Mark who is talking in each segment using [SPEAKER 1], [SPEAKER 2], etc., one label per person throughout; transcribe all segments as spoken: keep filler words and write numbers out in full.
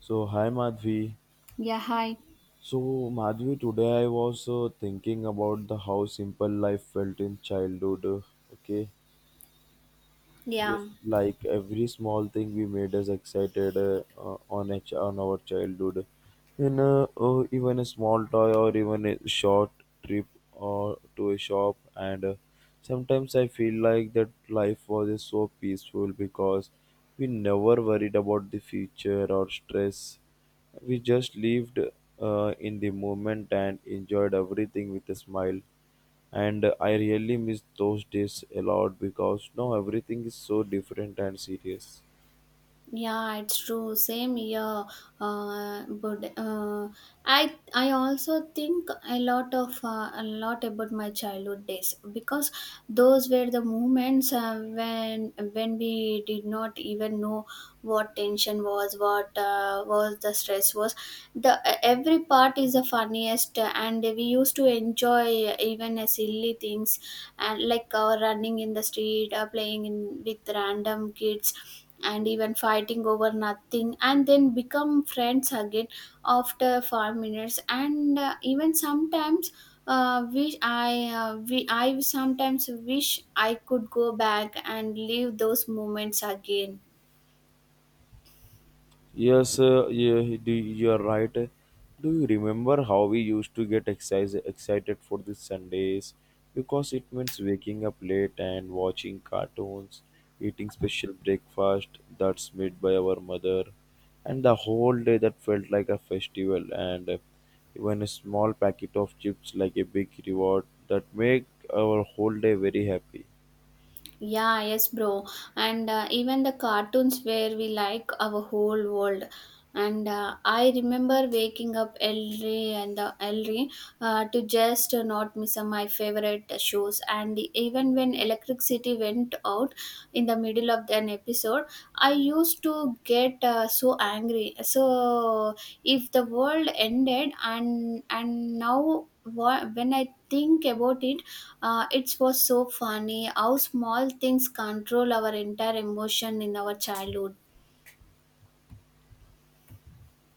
[SPEAKER 1] So, hi Madhvi.
[SPEAKER 2] Yeah, hi.
[SPEAKER 1] So, Madhvi, today I was uh, thinking about the how simple life felt in childhood. uh, Okay, just
[SPEAKER 2] Yeah.
[SPEAKER 1] like every small thing we made us excited uh, uh, on a ch- on our childhood, and uh, uh, even a small toy or even a short trip or to a shop and. Uh, Sometimes I feel like that life was so peaceful because we never worried about the future or stress. We just lived uh, in the moment and enjoyed everything with a smile. And I really miss those days a lot because now everything is so different and serious.
[SPEAKER 2] Yeah, it's true. Same here. Uh, but uh, I I also think a lot of uh, a lot about my childhood days because those were the moments uh, when when we did not even know what tension was, what uh, was the stress was. The every part is the funniest, uh, and we used to enjoy even uh, silly things, and like uh, running in the street, uh, playing in with random kids and even fighting over nothing and then become friends again after five minutes and uh, even sometimes uh, wish I uh, we, I sometimes wish I could go back and live those moments again.
[SPEAKER 1] Yes, uh, yeah, do, you're right. Do you remember how we used to get exercise, excited for the Sundays? Because it means waking up late and watching cartoons, eating special breakfast that's made by our mother, and the whole day that felt like a festival. And uh, even a small packet of chips, like a big reward, that make our whole day very happy.
[SPEAKER 2] Yeah, yes, bro. And uh, even the cartoons where we like our whole world. And uh, I remember waking up early and the early uh, to just uh, not miss uh, my favorite uh, shows. And even when electricity went out in the middle of an episode, I used to get uh, so angry. So if the world ended and and now wha- when I think about it uh, it was so funny how small things control our entire emotion in our childhood.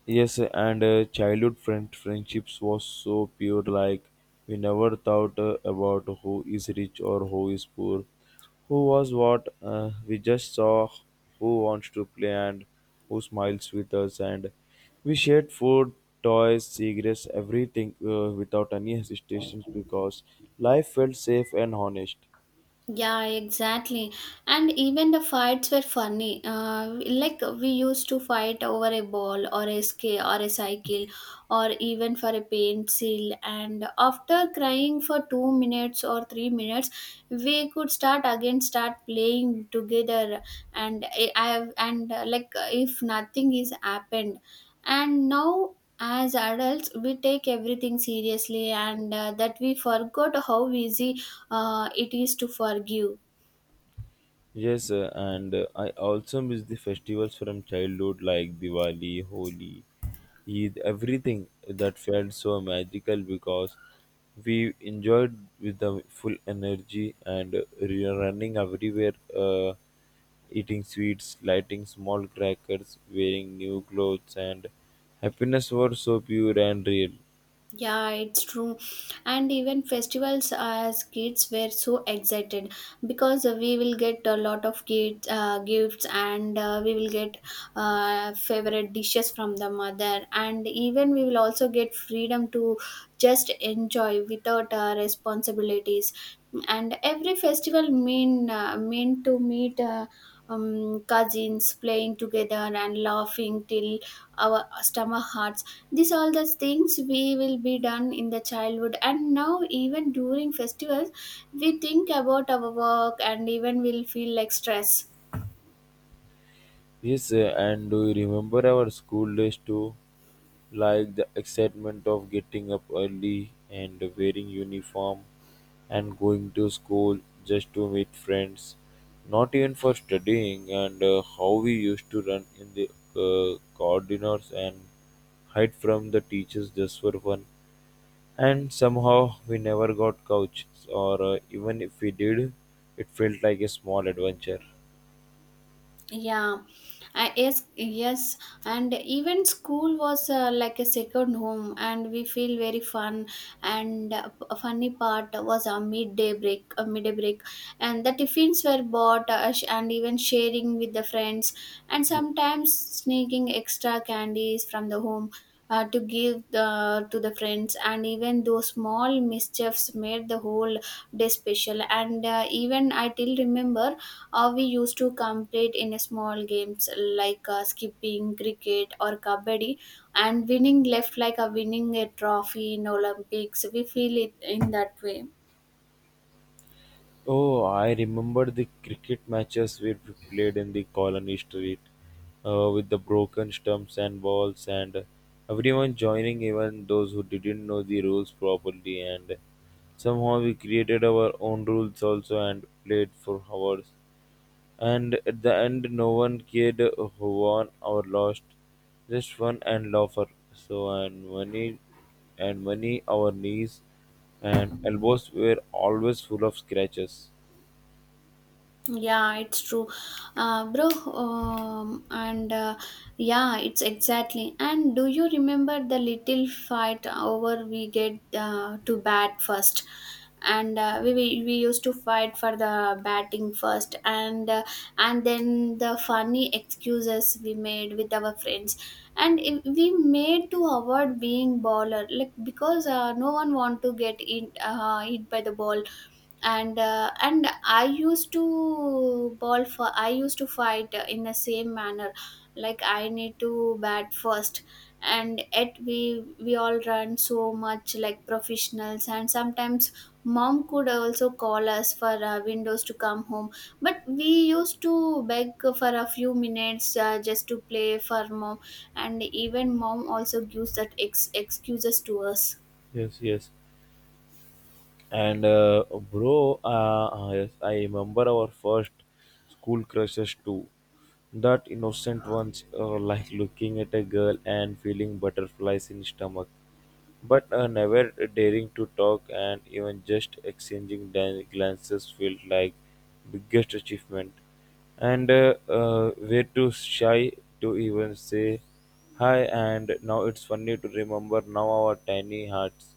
[SPEAKER 1] Yes, and uh, childhood friend friendships was so pure. Like we never thought uh, about who is rich or who is poor, who was what. Uh, we just saw who wants to play and who smiles with us, and we shared food, toys, cigarettes, everything uh, without any hesitations because life felt safe and honest.
[SPEAKER 2] Yeah, exactly. And even the fights were funny. Uh, like we used to fight over a ball or a scale or a cycle or even for a pencil. And after crying for two minutes or three minutes, we could start again, start playing together. And I I have and uh, like if nothing is happened and now as adults we take everything seriously and uh, that we forgot how easy uh, it is to forgive.
[SPEAKER 1] Yes, uh, and uh, I also miss the festivals from childhood like Diwali, Holi, Eid, everything that felt so magical because we enjoyed with the full energy and uh, re- running everywhere, uh, eating sweets, lighting small crackers, wearing new clothes, and happiness was so pure and real.
[SPEAKER 2] Yeah, it's true. And even festivals as kids were so excited because we will get a lot of kids, uh, gifts and uh, we will get uh, favorite dishes from the mother. And even we will also get freedom to just enjoy without uh, responsibilities. And every festival mean uh, meant to meet uh, um, cousins playing together and laughing till our stomach hurts. These all the things we will be done in the childhood, and now even during festivals, we think about our work and even will feel like stress.
[SPEAKER 1] Yes, uh, and do you remember our school days too? Like the excitement of getting up early and wearing uniform and going to school just to meet friends, not even for studying, and uh, how we used to run in the uh, corridors and hide from the teachers just for fun, and somehow we never got couched, or uh, even if we did it felt like a small adventure.
[SPEAKER 2] Yeah. I, yes, yes, and even school was uh, like a second home and we feel very fun and uh, a funny part was a midday break a midday break and the tiffins were bought uh, sh- and even sharing with the friends and sometimes sneaking extra candies from the home uh, to give the, to the friends and even those small mischiefs made the whole day special and uh, even I till remember or we used to compete in small games like uh, skipping, cricket, or kabaddi, and winning left like a winning a trophy in Olympics. We feel it in that way.
[SPEAKER 1] Oh, I remember the cricket matches where we played in the colony street uh, with the broken stumps and balls, and everyone joining, even those who didn't know the rules properly. And somehow we created our own rules also and played for hours. And at the end, no one cared who won or lost, just fun and laughter. So, and money, and money, our knees and elbows were always full of scratches.
[SPEAKER 2] Yeah, it's true, uh, bro. Um, and uh, yeah, it's exactly. And do you remember the little fight over we get uh, to bat first? And uh, we, we we used to fight for the batting first and uh, and then the funny excuses we made with our friends and i- we made to avoid being baller like because uh, no one want to get in uh, hit by the ball and uh, and I used to ball for I used to fight uh, in the same manner like I need to bat first and yet we we all run so much like professionals and sometimes mom could also call us for uh, windows to come home but we used to beg for a few minutes uh, just to play for mom and even mom also gives that ex- excuses to us.
[SPEAKER 1] Yes, yes. And uh, bro, uh, uh, yes, I remember our first school crushes too. That innocent ones are like looking at a girl and feeling butterflies in stomach, but uh, never daring to talk, and even just exchanging dan- glances felt like biggest achievement. And uh, uh, we're too shy to even say hi. And now it's funny to remember now our tiny hearts,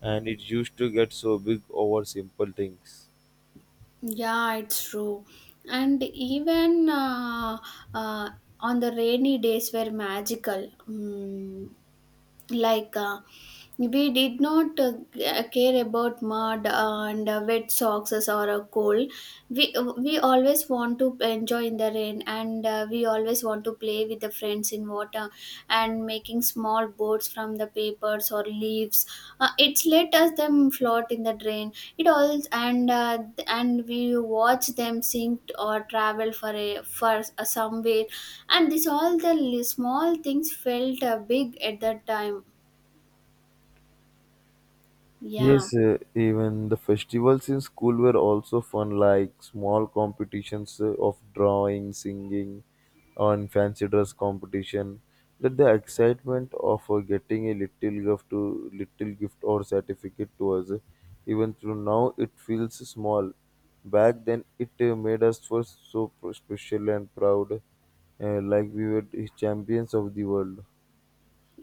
[SPEAKER 1] and it used to get so big over simple things.
[SPEAKER 2] Yeah, it's true. And even uh, uh, on the rainy days were magical. Mm, like uh, we did not uh, g- care about mud and uh, wet socks or a cold. We we always want to enjoy in the rain, and uh, we always want to play with the friends in water and making small boats from the papers or leaves. Uh, it's let us them float in the drain it all and uh, and we watch them sing or travel for a for a somewhere and this all the li- small things felt uh, big at that time. Yeah.
[SPEAKER 1] Yes, uh, even the festivals in school were also fun, like small competitions uh, of drawing, singing, and fancy dress competition. That the excitement of uh, getting a little gift to little gift or certificate to us, uh, even though now it feels small. Back then, it uh, made us feel so pr- special and proud, uh, like we were the champions of the world.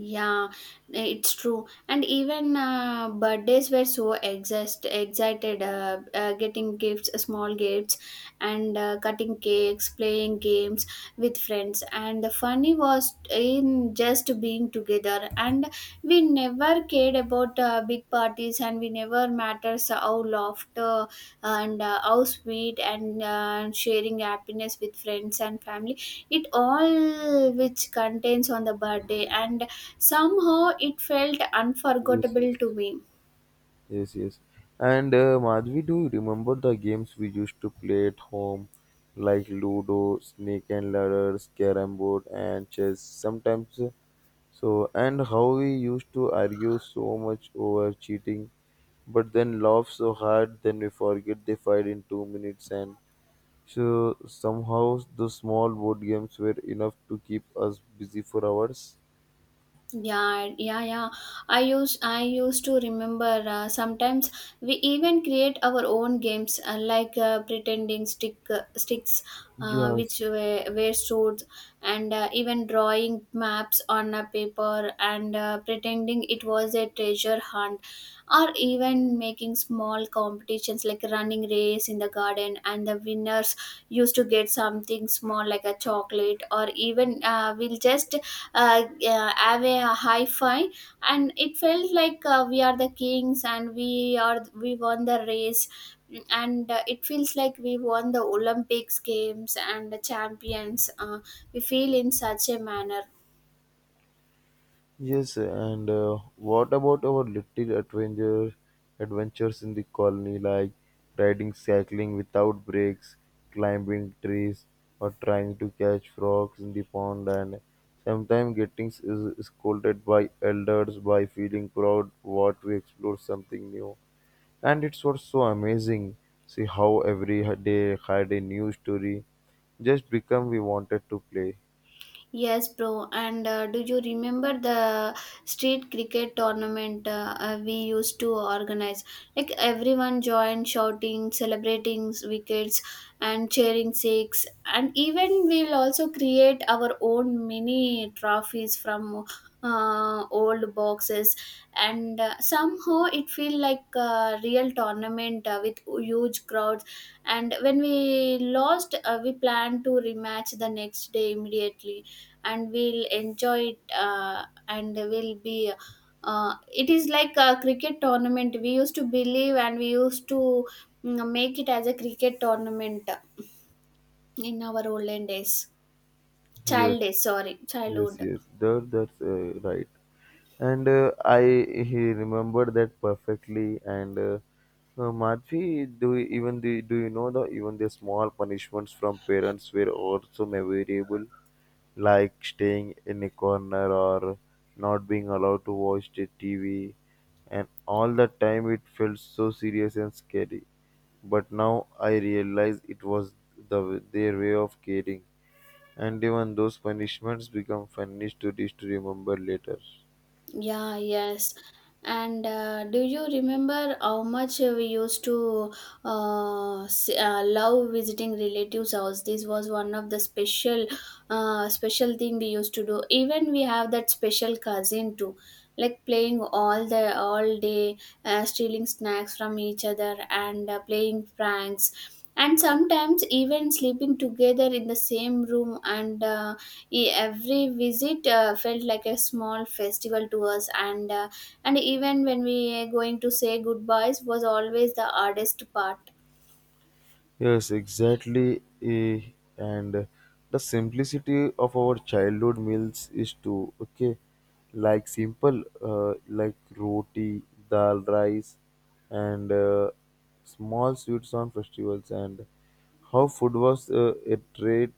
[SPEAKER 2] Yeah, it's true and even uh, birthdays were so exist, excited uh, uh, getting gifts small gifts and uh, cutting cakes playing games with friends and the funny was in just being together and we never cared about uh, big parties and we never matters how laughter and uh, how sweet and uh, sharing happiness with friends and family it all which contains on the birthday and somehow it felt
[SPEAKER 1] Yes,
[SPEAKER 2] unforgettable
[SPEAKER 1] yes.
[SPEAKER 2] to me.
[SPEAKER 1] Yes, yes. And uh, Madhvi, do you remember the games we used to play at home, like Ludo, Snake and Ladders, Carrom board, and chess? Sometimes, uh, so and how we used to argue so much over cheating, but then laugh so hard, then we forget they fight in two minutes, and so somehow the small board games were enough to keep us busy for hours.
[SPEAKER 2] Yeah, yeah, yeah. I use I used to remember uh, sometimes we even create our own games uh, like uh, pretending stick uh, sticks uh, which
[SPEAKER 1] Yes.
[SPEAKER 2] were, were swords and uh, even drawing maps on a paper and uh, pretending it was a treasure hunt or even making small competitions like running race in the garden and the winners used to get something small like a chocolate or even uh, we'll just uh, uh, have a high five, and it felt like uh, we are the kings and we are we won the race. Mm, and uh, it feels like we won the olympics games and the champions uh, we feel in such a manner.
[SPEAKER 1] Yes, and uh, what about our little adventure adventures in the colony, like riding cycling without breaks, climbing trees, or trying to catch frogs in the pond, and sometimes getting s- is scolded by elders by feeling proud what we explore something new. And it was so amazing. See how every h- day had a new story, just become we wanted to play.
[SPEAKER 2] Yes, bro. And uh, do you remember the street cricket tournament uh, uh, we used to organize? Like everyone joined, shouting, celebrating wickets, and cheering six. And even we'll also create our own mini trophies from uh, old boxes and uh, somehow it feel like a real tournament uh, with huge crowds and when we lost uh, we plan to rematch the next day immediately and we'll enjoy it uh, and we'll be uh, it is like a cricket tournament we used to believe and we used to mm, make it as a cricket tournament in our olden days
[SPEAKER 1] Yes,
[SPEAKER 2] child days sorry
[SPEAKER 1] yes,
[SPEAKER 2] childhood.
[SPEAKER 1] yes. That, that's uh, right. And uh, I he remembered that perfectly. And uh, uh, Madhvi, do you, even the do you know the even the small punishments from parents were also memorable, like staying in a corner or not being allowed to watch the T V, and all the time it felt so serious and scary. But now I realize it was the their way of caring, and even those punishments become funny stories to remember later.
[SPEAKER 2] Yeah, yes. And uh, do you remember how much we used to uh, s- uh, love visiting relatives' house? This was one of the special, uh, special thing we used to do. Even we have that special cousin too, like playing all the all day, uh, stealing snacks from each other and uh, playing pranks and sometimes even sleeping together in the same room and uh, e- every visit uh, felt like a small festival to us and uh, and even when we going to say goodbyes was always the hardest part.
[SPEAKER 1] Yes, exactly. eh, And the simplicity of our childhood meals is too okay, like simple, uh, like roti, dal, rice, and uh, small sweets on festivals. And how food was uh, a treat,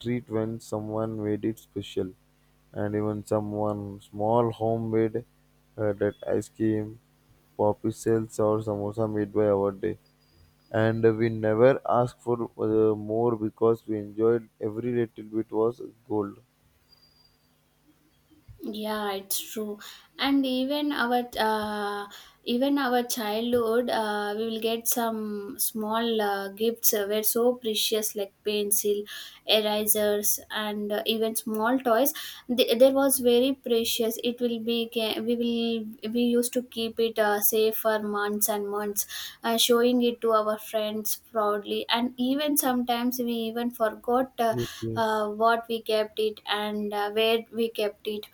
[SPEAKER 1] treat when someone made it special, and even someone small homemade uh, that ice cream, poppy cells or samosa made by our day, and we never asked for uh, more because we enjoyed every little bit was gold.
[SPEAKER 2] Yeah, it's true. And even our uh, even our childhood, uh, we will get some small uh, gifts uh, were so precious, like pencil, erasers, and uh, even small toys. Th- there was very precious. It will be ca- we will we used to keep it uh, safe for months and months, uh, showing it to our friends proudly. And even sometimes we even forgot uh,
[SPEAKER 1] Yes, yes.
[SPEAKER 2] uh, what we kept it and uh, where we kept it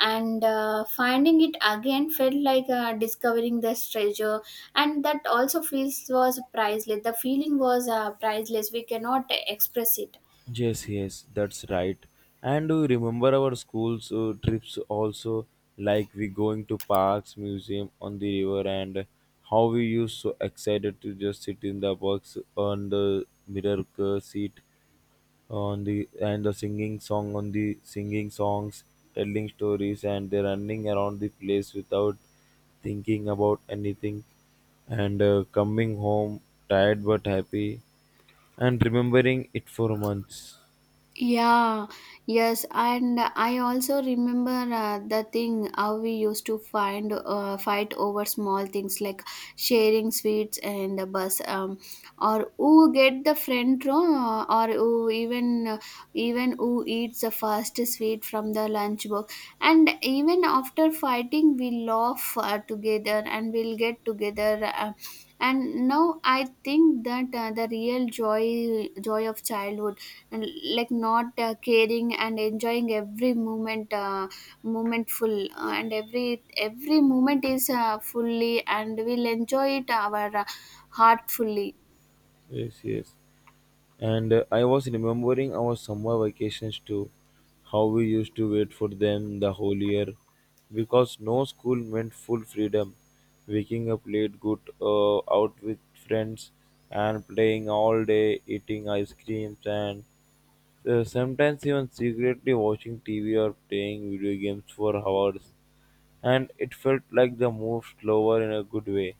[SPEAKER 2] and uh, finding it again felt like uh, discovering this treasure and that also feels was priceless the feeling was uh, priceless we cannot express it.
[SPEAKER 1] Yes, yes, that's right. And do you remember our school's uh, trips also? Like we going to parks, museum on the river, and how we used so excited to just sit in the box on the mirror uh, seat on the and the singing song on the singing songs, telling stories, and they're running around the place without thinking about anything, and uh, coming home tired but happy and remembering it for months.
[SPEAKER 2] Yeah, yes, and I also remember uh, the thing how we used to find uh, fight over small things like sharing sweets and the bus, um, or who get the front row, uh, or who even uh, even who eats the first sweet from the lunch box. And even after fighting, we laugh uh, together and we'll get together. Uh, and now I think that uh, the real joy joy of childhood and like not uh, caring and enjoying every moment uh, moment full uh, and every every moment is uh, fully and we'll enjoy it our uh, heart fully.
[SPEAKER 1] Yes, yes. And uh, I was remembering our summer vacations too, how we used to wait for them the whole year because no school meant full freedom. Waking up late, good uh, out with friends, and playing all day, eating ice creams, and uh, sometimes even secretly watching T V or playing video games for hours. And it felt like the move slower in a good way.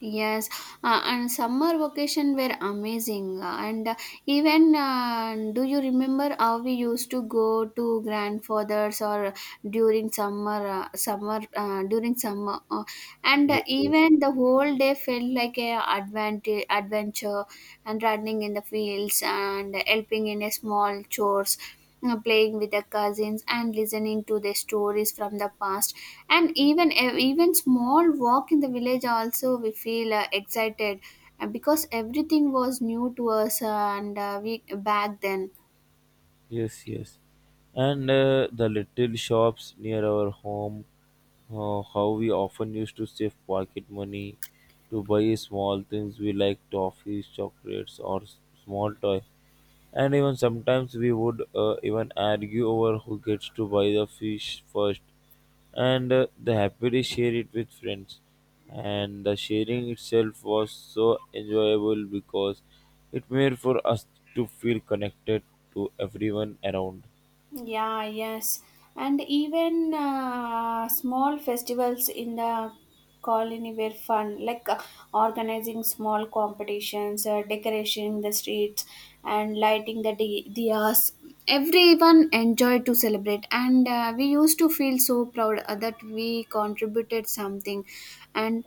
[SPEAKER 2] Yes, uh, and summer vacation were amazing. Uh, and uh, even uh, do you remember how we used to go to grandfathers or during summer uh, summer uh, during summer uh, and uh,
[SPEAKER 1] Yes, yes.
[SPEAKER 2] even the whole day felt like a advantage adventure and running in the fields and helping in a small chores you playing with the cousins and listening to their stories from the past and even uh, even small walk in the village also we feel uh, excited uh, because everything was new to us uh, and uh, we back then.
[SPEAKER 1] Yes, yes. And uh, the little shops near our home, uh, how we often used to save pocket money to buy small things we like toffees, chocolates, or s- small toy. And even sometimes we would uh, even argue over who gets to buy the fish first, and uh, they happily share it with friends. And the sharing itself was so enjoyable because it made for us to feel connected to everyone around.
[SPEAKER 2] Yeah, yes. And even uh, small festivals in the colony were fun, like uh, organizing small competitions, uh, decorating the streets, and lighting the di- diyas. Everyone enjoyed to celebrate, and uh, we used to feel so proud uh, that we contributed something. And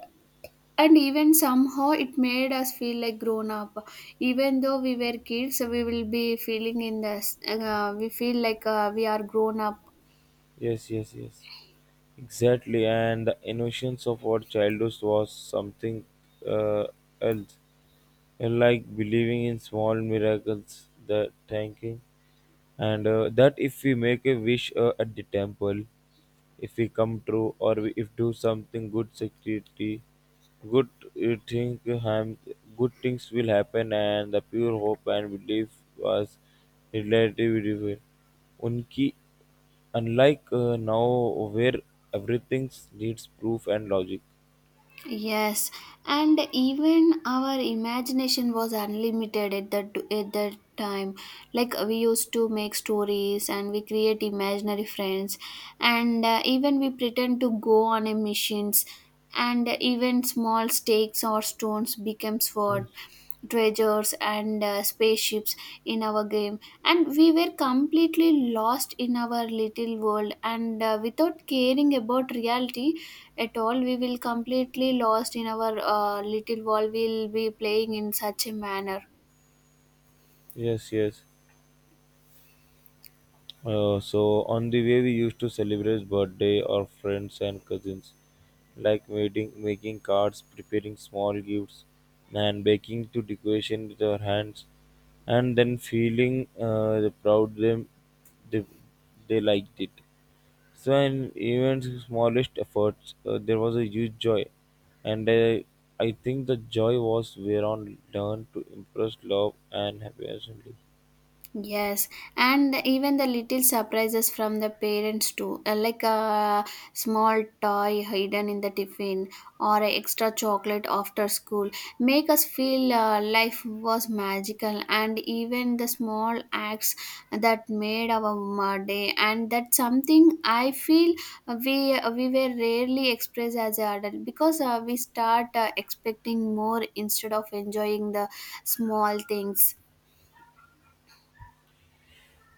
[SPEAKER 2] and even somehow it made us feel like grown up, even though we were kids we will be feeling in this uh, we feel like uh, we are grown up.
[SPEAKER 1] Yes, yes, yes. Exactly, and the innocence of our childhood was something uh, else. Unlike believing in small miracles, the thanking, and uh, that if we make a wish uh, at the temple, if we come true, or we, if do something good security, good uh, thing ham, good things will happen, and the pure hope and belief was relative. Unki unlike uh, now where everything needs proof and logic.
[SPEAKER 2] Yes, and even our imagination was unlimited at that at that time. Like we used to make stories and we create imaginary friends, and uh, even we pretend to go on a missions, and even small stakes or stones became sword,
[SPEAKER 1] Yes.
[SPEAKER 2] treasures and uh, spaceships in our game. And we were completely lost in our little world and uh, without caring about reality at all, we will completely lost in our uh, little world, we'll be playing in such a manner.
[SPEAKER 1] Yes, yes. Uh, so on the way we used to celebrate birthday or friends and cousins, like making making cards, preparing small gifts, and baking to decoration with our hands, and then feeling uh, the proud them they, they liked it. So in even smallest efforts, uh, there was a huge joy, and uh, I think the joy was whereon learned to impress love and happiness only.
[SPEAKER 2] Yes, and even the little surprises from the parents too, uh, like a small toy hidden in the tiffin or a extra chocolate after school, make us feel uh, life was magical. And even the small acts that made our m- day, and that's something I feel we uh, we were rarely expressed as an adult because uh, we start uh, expecting more instead of enjoying the small things.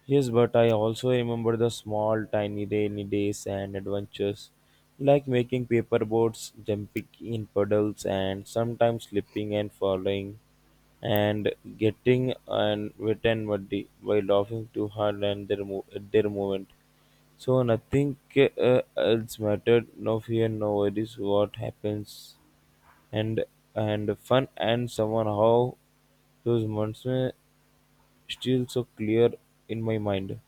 [SPEAKER 1] Yes, but I also remember the small, tiny rainy days and adventures, like making paper boats, jumping in puddles, and sometimes slipping and falling, and getting and wet and muddy by laughing too hard and their mo- at their moment. So nothing uh, else mattered. No fear, no worries. What happens, and and fun, and somehow those months were still so clear in my mind.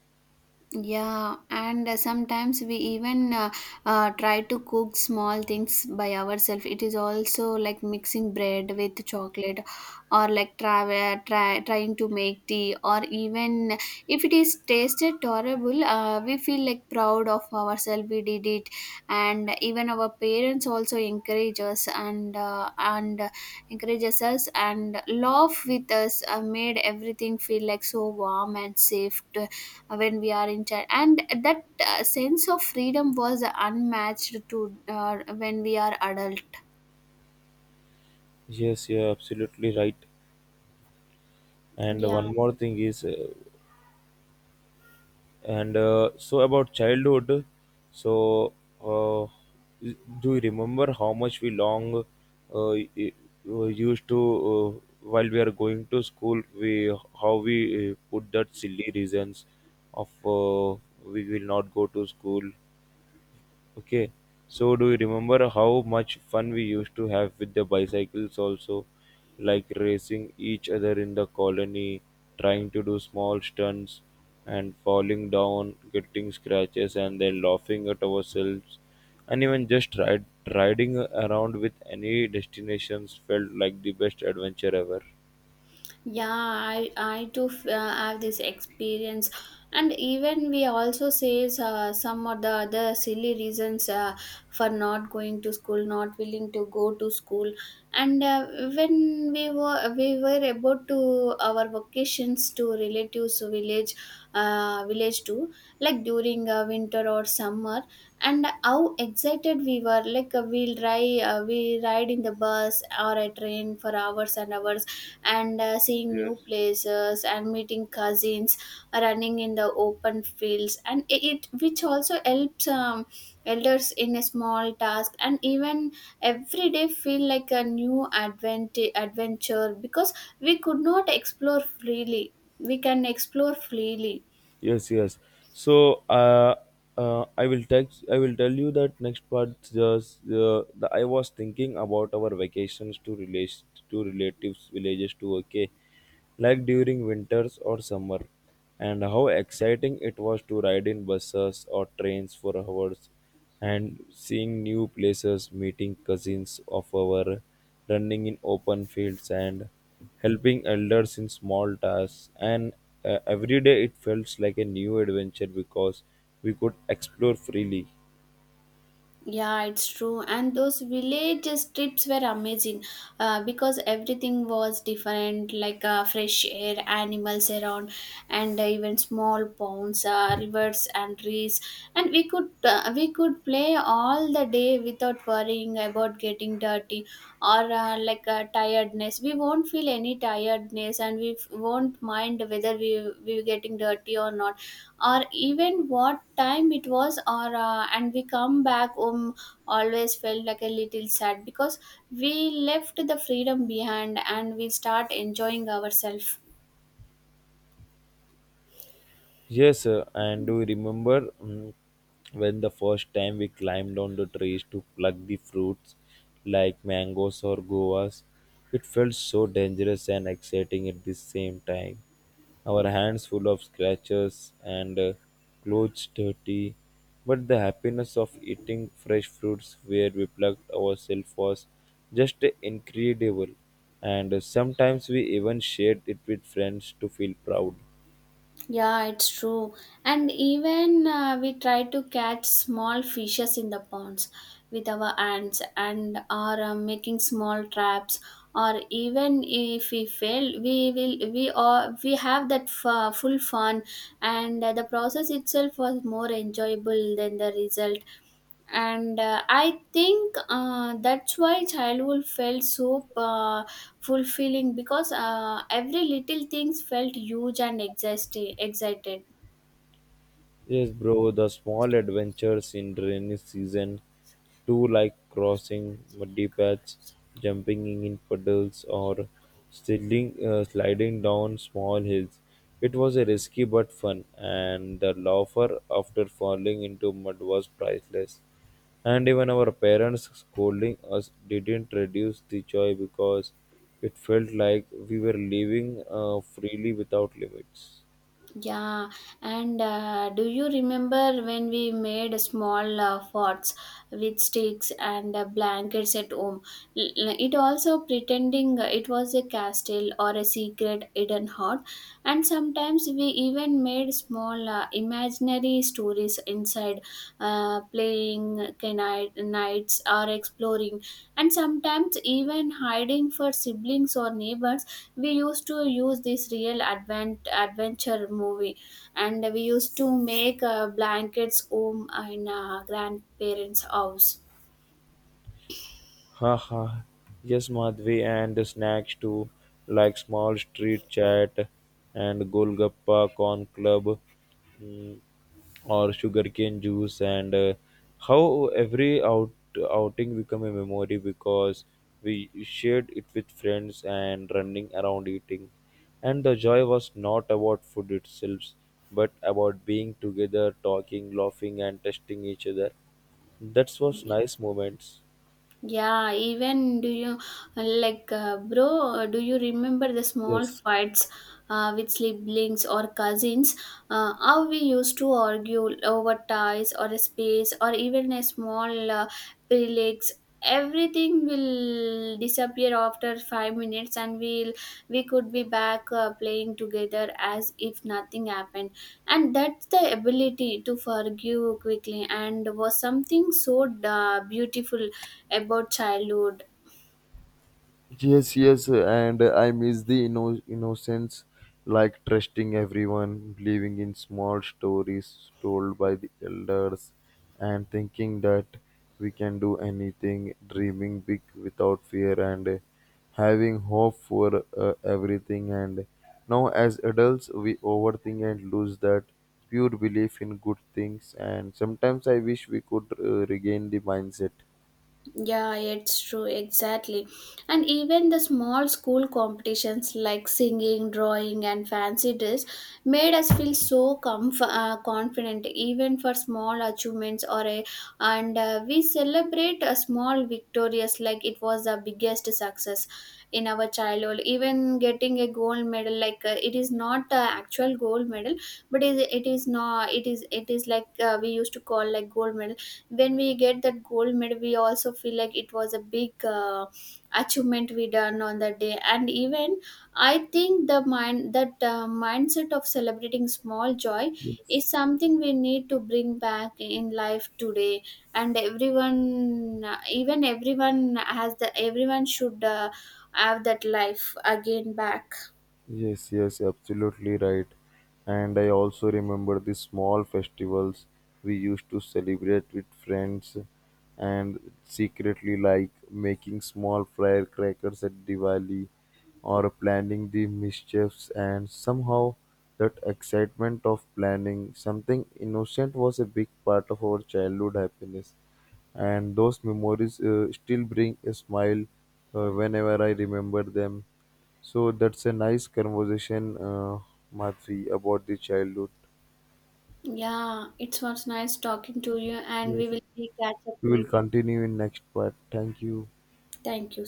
[SPEAKER 2] Yeah, and uh, sometimes we even uh, uh, try to cook small things by ourselves. It is also like mixing bread with chocolate, or like try, try trying to make tea, or even if it is tasted tolerable, uh, we feel like proud of ourselves. We did it, and even our parents also encourage us and uh, and encourages us and laugh with us. Uh, made everything feel like so warm and safe. To, when we are in child and that uh, sense of freedom was unmatched to uh, when we are adult.
[SPEAKER 1] Yes, you're absolutely right. And
[SPEAKER 2] Yeah.
[SPEAKER 1] one more thing is, uh, and uh, so about childhood, so uh, do you remember how much we long uh, y- uh, used to uh, while we are going to school? We How we uh, put that silly reasons of uh, we will not go to school. Okay, so do you remember how much fun we used to have with the bicycles also, like racing each other in the colony, trying to do small stunts and falling down, getting scratches and then laughing at ourselves. And even just ride, riding around with any destinations felt like the best adventure ever.
[SPEAKER 2] Yeah, I I too f- uh, have this experience, and even we also says uh, some of the other silly reasons uh, for not going to school, not willing to go to school, and uh, when we were we were about to our vacations to relatives village, uh, village too, like during uh, winter or summer, and how excited we were! Like uh, we'll ride uh, we ride in the bus or a train for hours and hours, and uh, seeing
[SPEAKER 1] Yes.
[SPEAKER 2] new places and meeting cousins, running in the open fields, and it, it which also helps um, elders in a small task. And even every day feel like a new advent- adventure, because we could not explore freely we can explore freely.
[SPEAKER 1] Yes, yes. So uh, uh i will text I will tell you that next part just uh, the, I was thinking about our vacations to relation to relatives villages to okay, like during winters or summer, and how exciting it was to ride in buses or trains for hours and seeing new places, meeting cousins of our, running in open fields, and helping elders in small tasks. And uh, every day it felt like a new adventure because we could explore freely.
[SPEAKER 2] Yeah, it's true. And those village trips were amazing, uh, because everything was different, like uh, fresh air, animals around, and uh, even small ponds, uh, rivers, and trees. And we could uh, we could play all the day without worrying about getting dirty or uh, like uh, tiredness. We won't feel any tiredness, and we f- won't mind whether we we getting dirty or not, or even what time it was or uh, and we come back home, always felt like a little sad because we left the freedom behind and we start enjoying ourselves.
[SPEAKER 1] Yes, sir. And do you remember mm, when the first time we climbed on the trees to pluck the fruits like mangoes or guavas? It felt so dangerous and exciting at the same time. Our hands full of scratches and uh, clothes dirty, but the happiness of eating fresh fruits where we plucked ourselves was just incredible. And uh, sometimes we even shared it with friends to feel proud.
[SPEAKER 2] Yeah, it's true. And even uh, we try to catch small fishes in the ponds with our hands and are uh, making small traps, or even if we fail we will we are we have that f- full fun, and uh, the process itself was more enjoyable than the result. And uh, i think uh, that's why childhood felt so uh, fulfilling, because uh, every little things felt huge and exhausting, excited.
[SPEAKER 1] Yes, bro, the small adventures in rainy season too, like crossing muddy paths, jumping in puddles, or sliding, uh, sliding down small hills. It was a risky but fun, and the laughter after falling into mud was priceless. And even our parents scolding us didn't reduce the joy because it felt like we were living uh, freely without limits.
[SPEAKER 2] Yeah, and uh, do you remember when we made small uh, forts with sticks and uh, blankets at home? L- It also pretending uh, it was a castle or a secret hidden hut, and sometimes we even made small uh, imaginary stories inside, uh, playing kni- nights or exploring, and sometimes even hiding for siblings or neighbors. We used to use this real advent adventure movie, and we used to make uh, blankets home in uh, grandparents house.
[SPEAKER 1] Haha! Yes, Madhvi, and snacks too, like small street chat and Golgappa Corn Club or sugarcane juice, and uh, how every out outing become a memory because we shared it with friends and running around eating, and the joy was not about food itself but about being together, talking, laughing and testing each other. That was nice moments.
[SPEAKER 2] Yeah, even do you, like uh, bro, do you remember the small
[SPEAKER 1] Yes.
[SPEAKER 2] fights uh, with siblings or cousins, uh, how we used to argue over ties or a space or even a small uh, prelates? Everything everything will disappear after five minutes, and we'll we could be back uh, playing together as if nothing happened. And that's the ability to forgive quickly and was something so uh, beautiful about childhood.
[SPEAKER 1] Yes, yes, and I miss the inno- innocence, like trusting everyone, believing in small stories told by the elders, and thinking that we can do anything, dreaming big without fear, and uh, having hope for uh, everything. And now, as adults, we overthink and lose that pure belief in good things. And sometimes I wish we could uh, regain the mindset.
[SPEAKER 2] Yeah, it's true, exactly. And even the small school competitions like singing, drawing, and fancy dress made us feel so comf- uh, confident, even for small achievements. Or a, and uh, We celebrate a small victorious like it was the biggest success in our childhood. Even getting a gold medal, like uh, it is not the actual gold medal, but it, it is not. It is it is like uh, we used to call like gold medal. When we get that gold medal, we also feel like it was a big uh, achievement we done on that day. And even I think the mind that uh, mindset of celebrating small joy
[SPEAKER 1] Yes.
[SPEAKER 2] is something we need to bring back in life today. And everyone even everyone has the everyone should uh, have that life again back.
[SPEAKER 1] Yes, yes, absolutely right. And I also remember the small festivals we used to celebrate with friends and secretly, like making small firecrackers at Diwali or planning the mischiefs, and somehow that excitement of planning something innocent was a big part of our childhood happiness, and those memories uh, still bring a smile uh, whenever I remember them. So that's a nice conversation, uh, Madhvi, about the childhood.
[SPEAKER 2] Yeah, it was nice talking to you, and
[SPEAKER 1] Yes.
[SPEAKER 2] we will catch up
[SPEAKER 1] We will
[SPEAKER 2] later.
[SPEAKER 1] continue in next part. Thank you.
[SPEAKER 2] Thank you.